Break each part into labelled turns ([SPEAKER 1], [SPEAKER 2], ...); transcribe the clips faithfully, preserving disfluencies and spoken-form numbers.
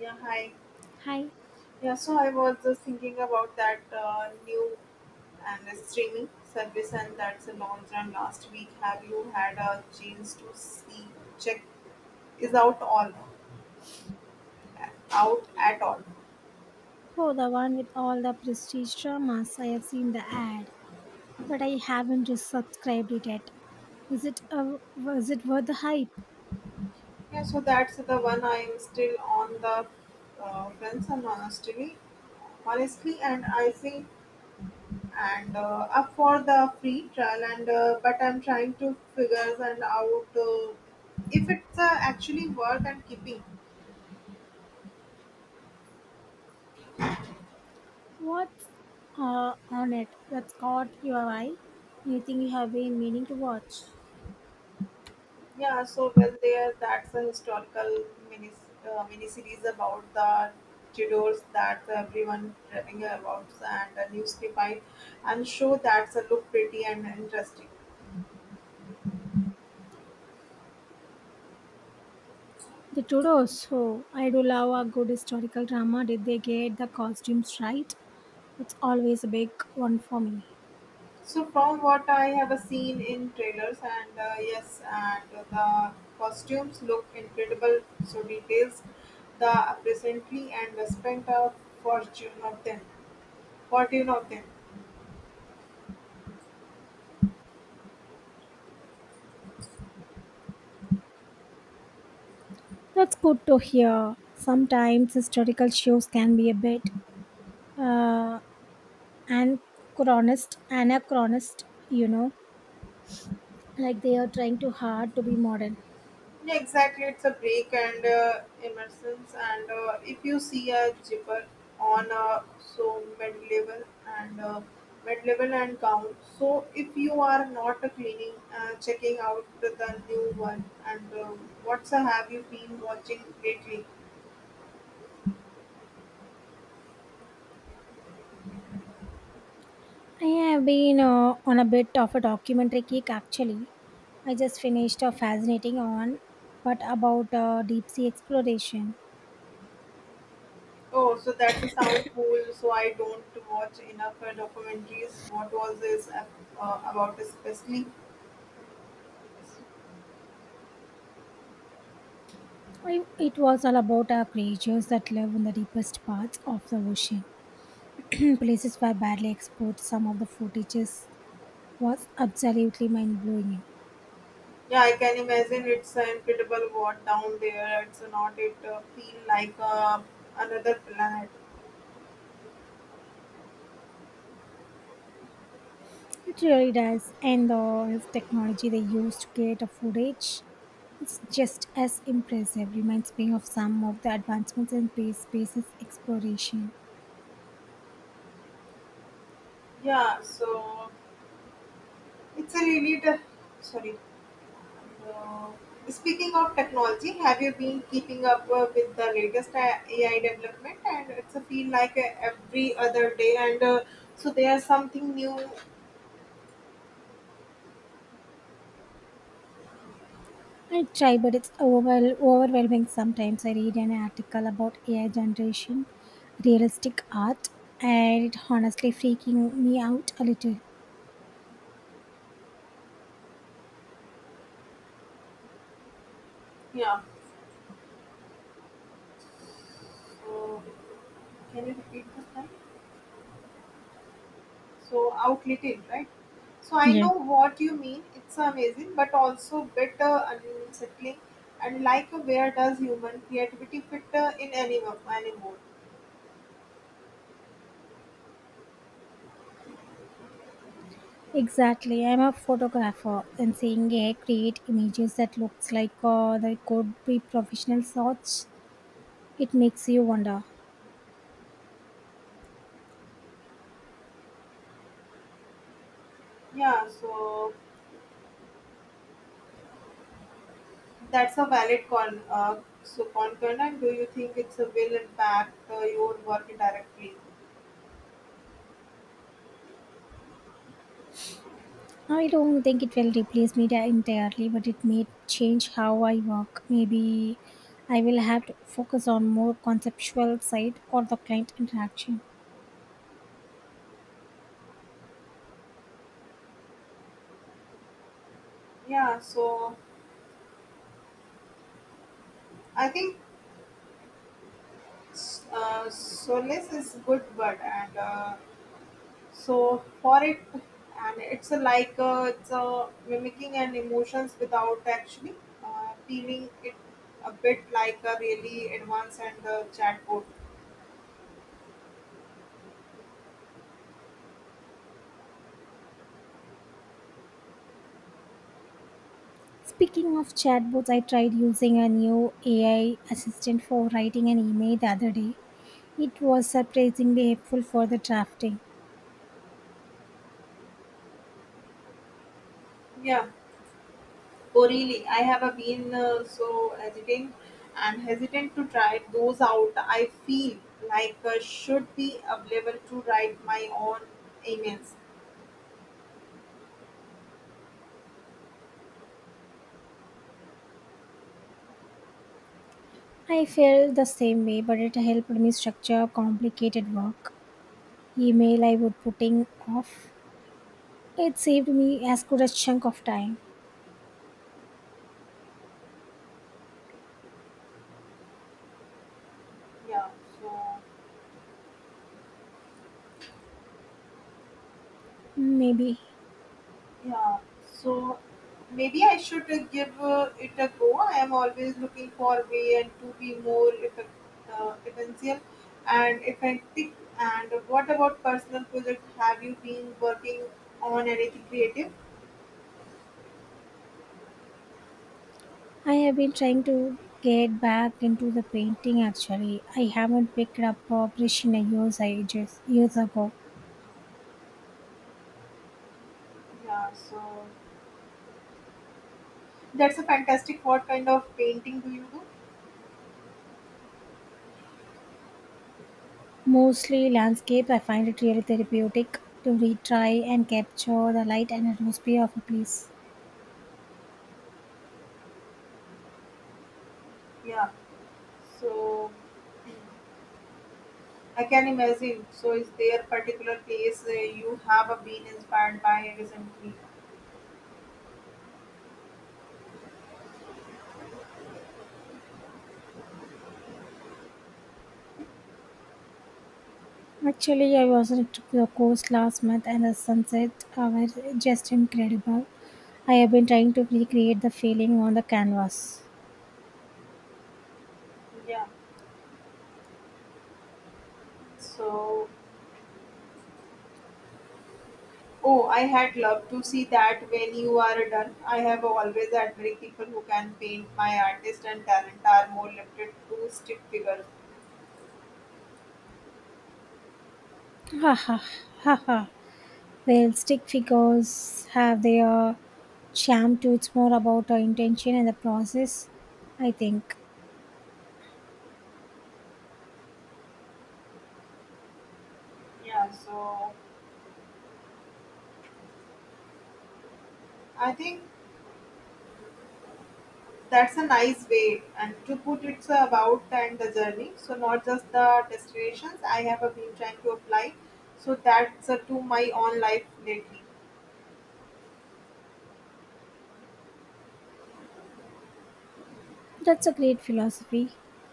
[SPEAKER 1] Yeah, hi.
[SPEAKER 2] Hi.
[SPEAKER 1] Yeah, so I was just thinking about that uh, new and uh, streaming service and that's a launch run last week. Have you had a chance to see check is out all out at all?
[SPEAKER 2] Oh, the one with all the prestige dramas. I have seen the ad, but I haven't just subscribed it yet. Is it a, was it worth the hype?
[SPEAKER 1] Yeah, so that's the one I am still on the uh, fence and honestly, honestly, and I see and uh, up for the free trial and uh, but I'm trying to figure and out uh, if it's uh, actually worth and keeping.
[SPEAKER 2] What's uh, on it that's caught your eye? Anything you have been meaning to watch?
[SPEAKER 1] Yeah, so well there. That's a historical mini uh, miniseries about the Tudors that everyone raving about, and a new spy, and show that's a look pretty and interesting.
[SPEAKER 2] The Tudors. Oh, I do love a good historical drama. Did they get the costumes right? That's always a big one for me.
[SPEAKER 1] So from what I have seen in trailers, and uh, yes, and the costumes look incredible. So details the presently and spent a fortune of them. Fortune of them.
[SPEAKER 2] That's good to hear. Sometimes historical shows can be a bit uh, and chronist anachronist, you know, like they are trying too hard to be modern.
[SPEAKER 1] Yeah, exactly. It's a break and uh, immersions. And uh, if you see a jibber on a so mid level and uh, mid level and down, so if you are not uh, cleaning, uh, checking out the the new one, and uh, what's uh, have you been watching lately?
[SPEAKER 2] I have been uh, on a bit of a documentary kick actually. I just finished a fascinating one but about uh, deep sea exploration.
[SPEAKER 1] Oh, so that's a sound cool. So I don't watch enough uh, documentaries. What was this uh, about, especially?
[SPEAKER 2] I, it was all about uh, creatures that live in the deepest parts of the ocean. Places where barely explored, some of the footages was absolutely mind-blowing.
[SPEAKER 1] Yeah, I can imagine it's an incredible what down there. It's not it uh, feel like uh, another planet.
[SPEAKER 2] It really does, and the technology they used to create a footage, it's just as impressive. Reminds me of some of the advancements in space spaces exploration.
[SPEAKER 1] Yeah, so it's a really t- sorry. Uh, speaking of technology, have you been keeping up uh, with the latest uh, A- AI development? And it's a feel like uh, every other day, and uh, so there's something new.
[SPEAKER 2] I try, but it's overwhel- overwhelming sometimes. I read an article about A I generation, realistic art, and it honestly freaking me out a little.
[SPEAKER 1] Yeah. So can you repeat this? Time? So out little right, so I
[SPEAKER 2] Yeah.
[SPEAKER 1] know what you mean. It's amazing but also bit uh, unsettling, and like uh, where does human creativity fit uh, in any anymore?
[SPEAKER 2] Exactly. I'm a photographer, and seeing A I create images that looks like uh, they could be professional shots, it makes you wonder.
[SPEAKER 1] Yeah, so that's a valid con uh, so concern. And do you think it's a will impact uh, your work directly?
[SPEAKER 2] I don't think it will replace me di- entirely, but it may change how I work. Maybe I will have to focus on more conceptual side or the client interaction.
[SPEAKER 1] Yeah, so I think uh, solace is good word and uh, so for it, and it's a like uh, it's a mimicking and emotions without actually uh, feeling it, a bit like a really advanced and uh, chatbot.
[SPEAKER 2] Speaking of chatbots, I tried using a new A I assistant for writing an email the other day. It was surprisingly helpful for the drafting.
[SPEAKER 1] Yeah. Oh really? I have uh, been uh, so hesitant and hesitant to try those out. I feel like uh, should be available to write my own emails.
[SPEAKER 2] I felt the same way, but it helped me structure complicated work. Email I would putting off. It saved me as good a chunk of time.
[SPEAKER 1] Yeah. So
[SPEAKER 2] Maybe
[SPEAKER 1] yeah, so maybe I should uh, give uh, it a go. I am always looking for a way and to be more effect, uh, essential and effective. And what about personal projects? Have you been working on anything creative?
[SPEAKER 2] I have been trying to get back into the painting actually. I haven't picked up a brush in a years, ages, years ago.
[SPEAKER 1] Yeah, so that's a fantastic. What kind of painting do you do?
[SPEAKER 2] Mostly landscape, I find it really therapeutic to retry and capture the light and atmosphere of a place.
[SPEAKER 1] Yeah, so I can imagine. So is there a particular place uh, you have uh, been inspired by recently?
[SPEAKER 2] Actually, I was at the coast last month and the sunset uh, were just incredible. I have been trying to recreate the feeling on the canvas.
[SPEAKER 1] Yeah. So oh, I had loved to see that when you are done. I have always admired people who can paint. My artists and talent are more limited to stick figures.
[SPEAKER 2] Ha ha ha ha. Well, stick figures have their charm too. It's more about our intention and the process, I think.
[SPEAKER 1] Yeah, so I think that's a nice way and to put it's about and the journey. So not just the destinations. I have been trying to apply. So that's uh, to my own life lately.
[SPEAKER 2] That's a great philosophy.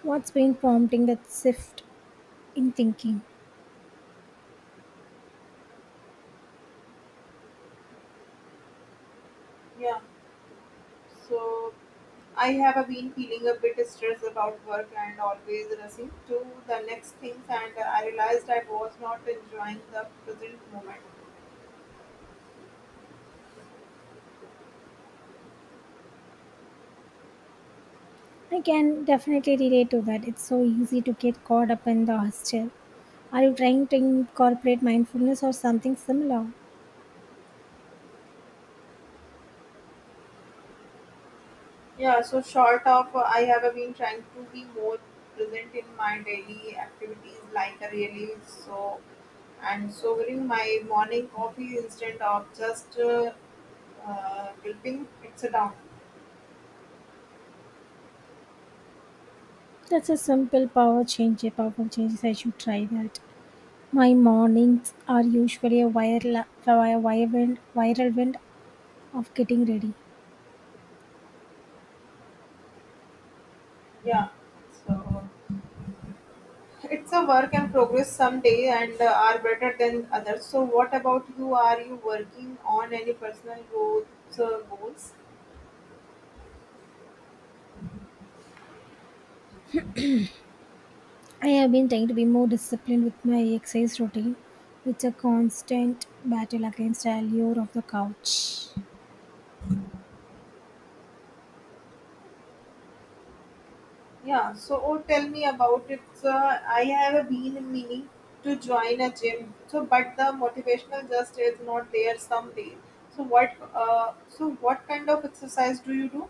[SPEAKER 2] What's been prompting that shift in thinking?
[SPEAKER 1] Yeah. So I have uh, been feeling a bit stressed about work and always rushing to the next things and uh, I realized I was not enjoying the present moment.
[SPEAKER 2] I can definitely relate to that. It's so easy to get caught up in the hustle. Are you trying to incorporate mindfulness or something similar?
[SPEAKER 1] Yeah, so short of uh, I have uh, been trying to be more present in my daily activities like uh, really so and sobering my morning coffee instead of just uh, uh, gulping it down.
[SPEAKER 2] That's a simple power change, a powerful change. I should try that. My mornings are usually a viral, a viral, wind, viral wind of getting ready.
[SPEAKER 1] Yeah, so it's a work and progress. Some day and uh, are better than others. So, what about you? Are you working on any personal growth uh, goals?
[SPEAKER 2] I have been trying to be more disciplined with my exercise routine. It's a constant battle against the allure of the couch.
[SPEAKER 1] Yeah, so oh, tell me about it. So, I have been meaning to join a gym, so but the motivational just is not there some day. So what? Uh, so what kind of exercise do you do?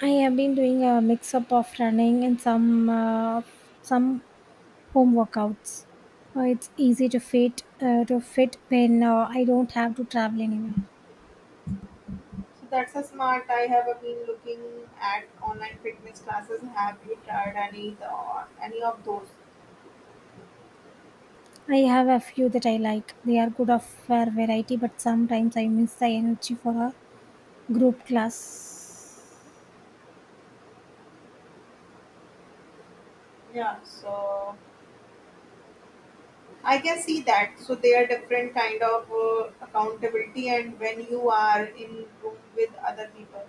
[SPEAKER 2] I have been doing a mix up of running and some uh, some home workouts. Uh, it's easy to fit uh, to fit when uh, I don't have to travel anywhere.
[SPEAKER 1] So that's a smart. I have been looking at online fitness classes. Have you tried any the, any of those?
[SPEAKER 2] I have a few that I like. They are good of for variety, but sometimes I miss the energy for a group class.
[SPEAKER 1] Yeah. So I can see that. So they are different kind of uh, accountability, and when you are in room with other people,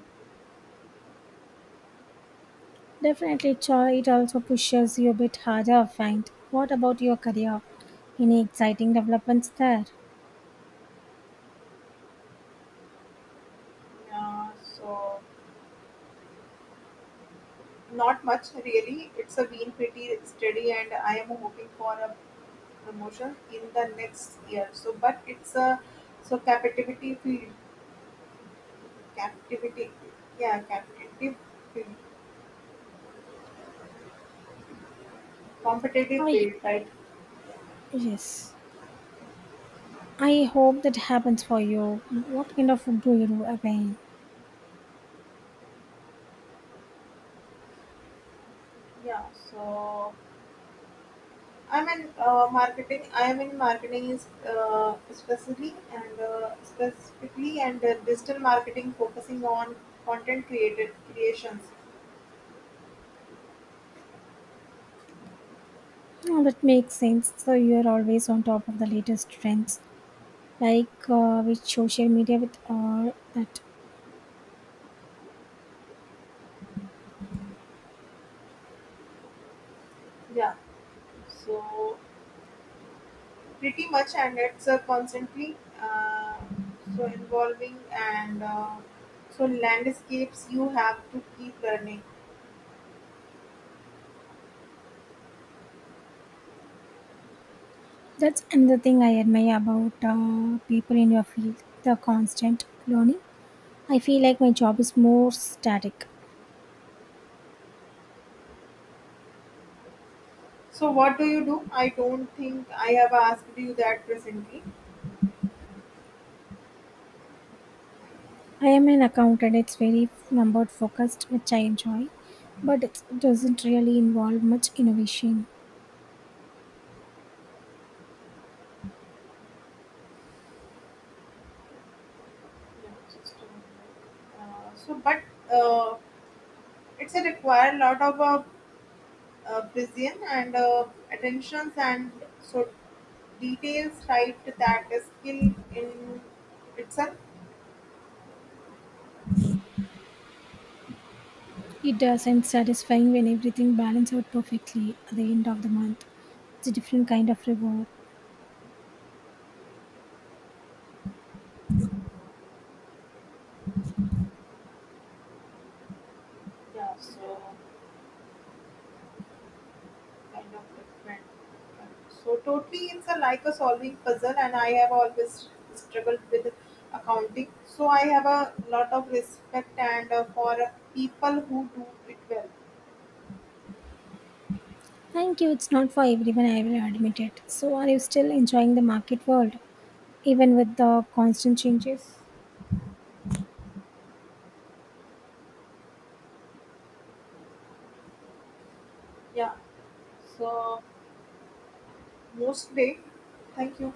[SPEAKER 2] Definitely, cho- it also pushes you a bit harder, I find. What about your career? Any exciting developments there?
[SPEAKER 1] yeah. So not much really. It's a been pretty steady, and I am hoping for a promotion in the next year. So, but it's a so captivity field, captivity, yeah, captive field, competitive
[SPEAKER 2] I
[SPEAKER 1] field, right?
[SPEAKER 2] yes. I hope that happens for you. What kind of do you do again?
[SPEAKER 1] Yeah. So I'm in uh, marketing. I am in marketing is uh, specifically and uh, specifically and uh, digital marketing, focusing on content created creations.
[SPEAKER 2] Oh, that makes sense. So you're always on top of the latest trends, like uh, with social media, with all that.
[SPEAKER 1] Yeah, so pretty much, and it's uh, constantly uh, so involving and uh, so landscapes. You have to keep learning.
[SPEAKER 2] That's another thing I admire about uh, people in your field. The constant learning. I feel like my job is more static.
[SPEAKER 1] So what do you do? I don't think I have asked you that presently.
[SPEAKER 2] I am an accountant. It's very number focused, which I enjoy, but it doesn't really involve much innovation.
[SPEAKER 1] Uh, so, but uh, it's a require lot of uh, uh, precision and uh, attentions and so details, right? That is skill in itself.
[SPEAKER 2] It does, and satisfying when everything balances out perfectly at the end of the month. It's a different kind of reward.
[SPEAKER 1] Yeah, so kind of different, so totally it's a like a solving puzzle, and I have always struggled with accounting, so I have a lot of respect and uh, for people who do it well.
[SPEAKER 2] Thank you. It's not for everyone, I will admit it. So, are you still enjoying the market world, even with the constant changes?
[SPEAKER 1] Yeah, so most day, thank you.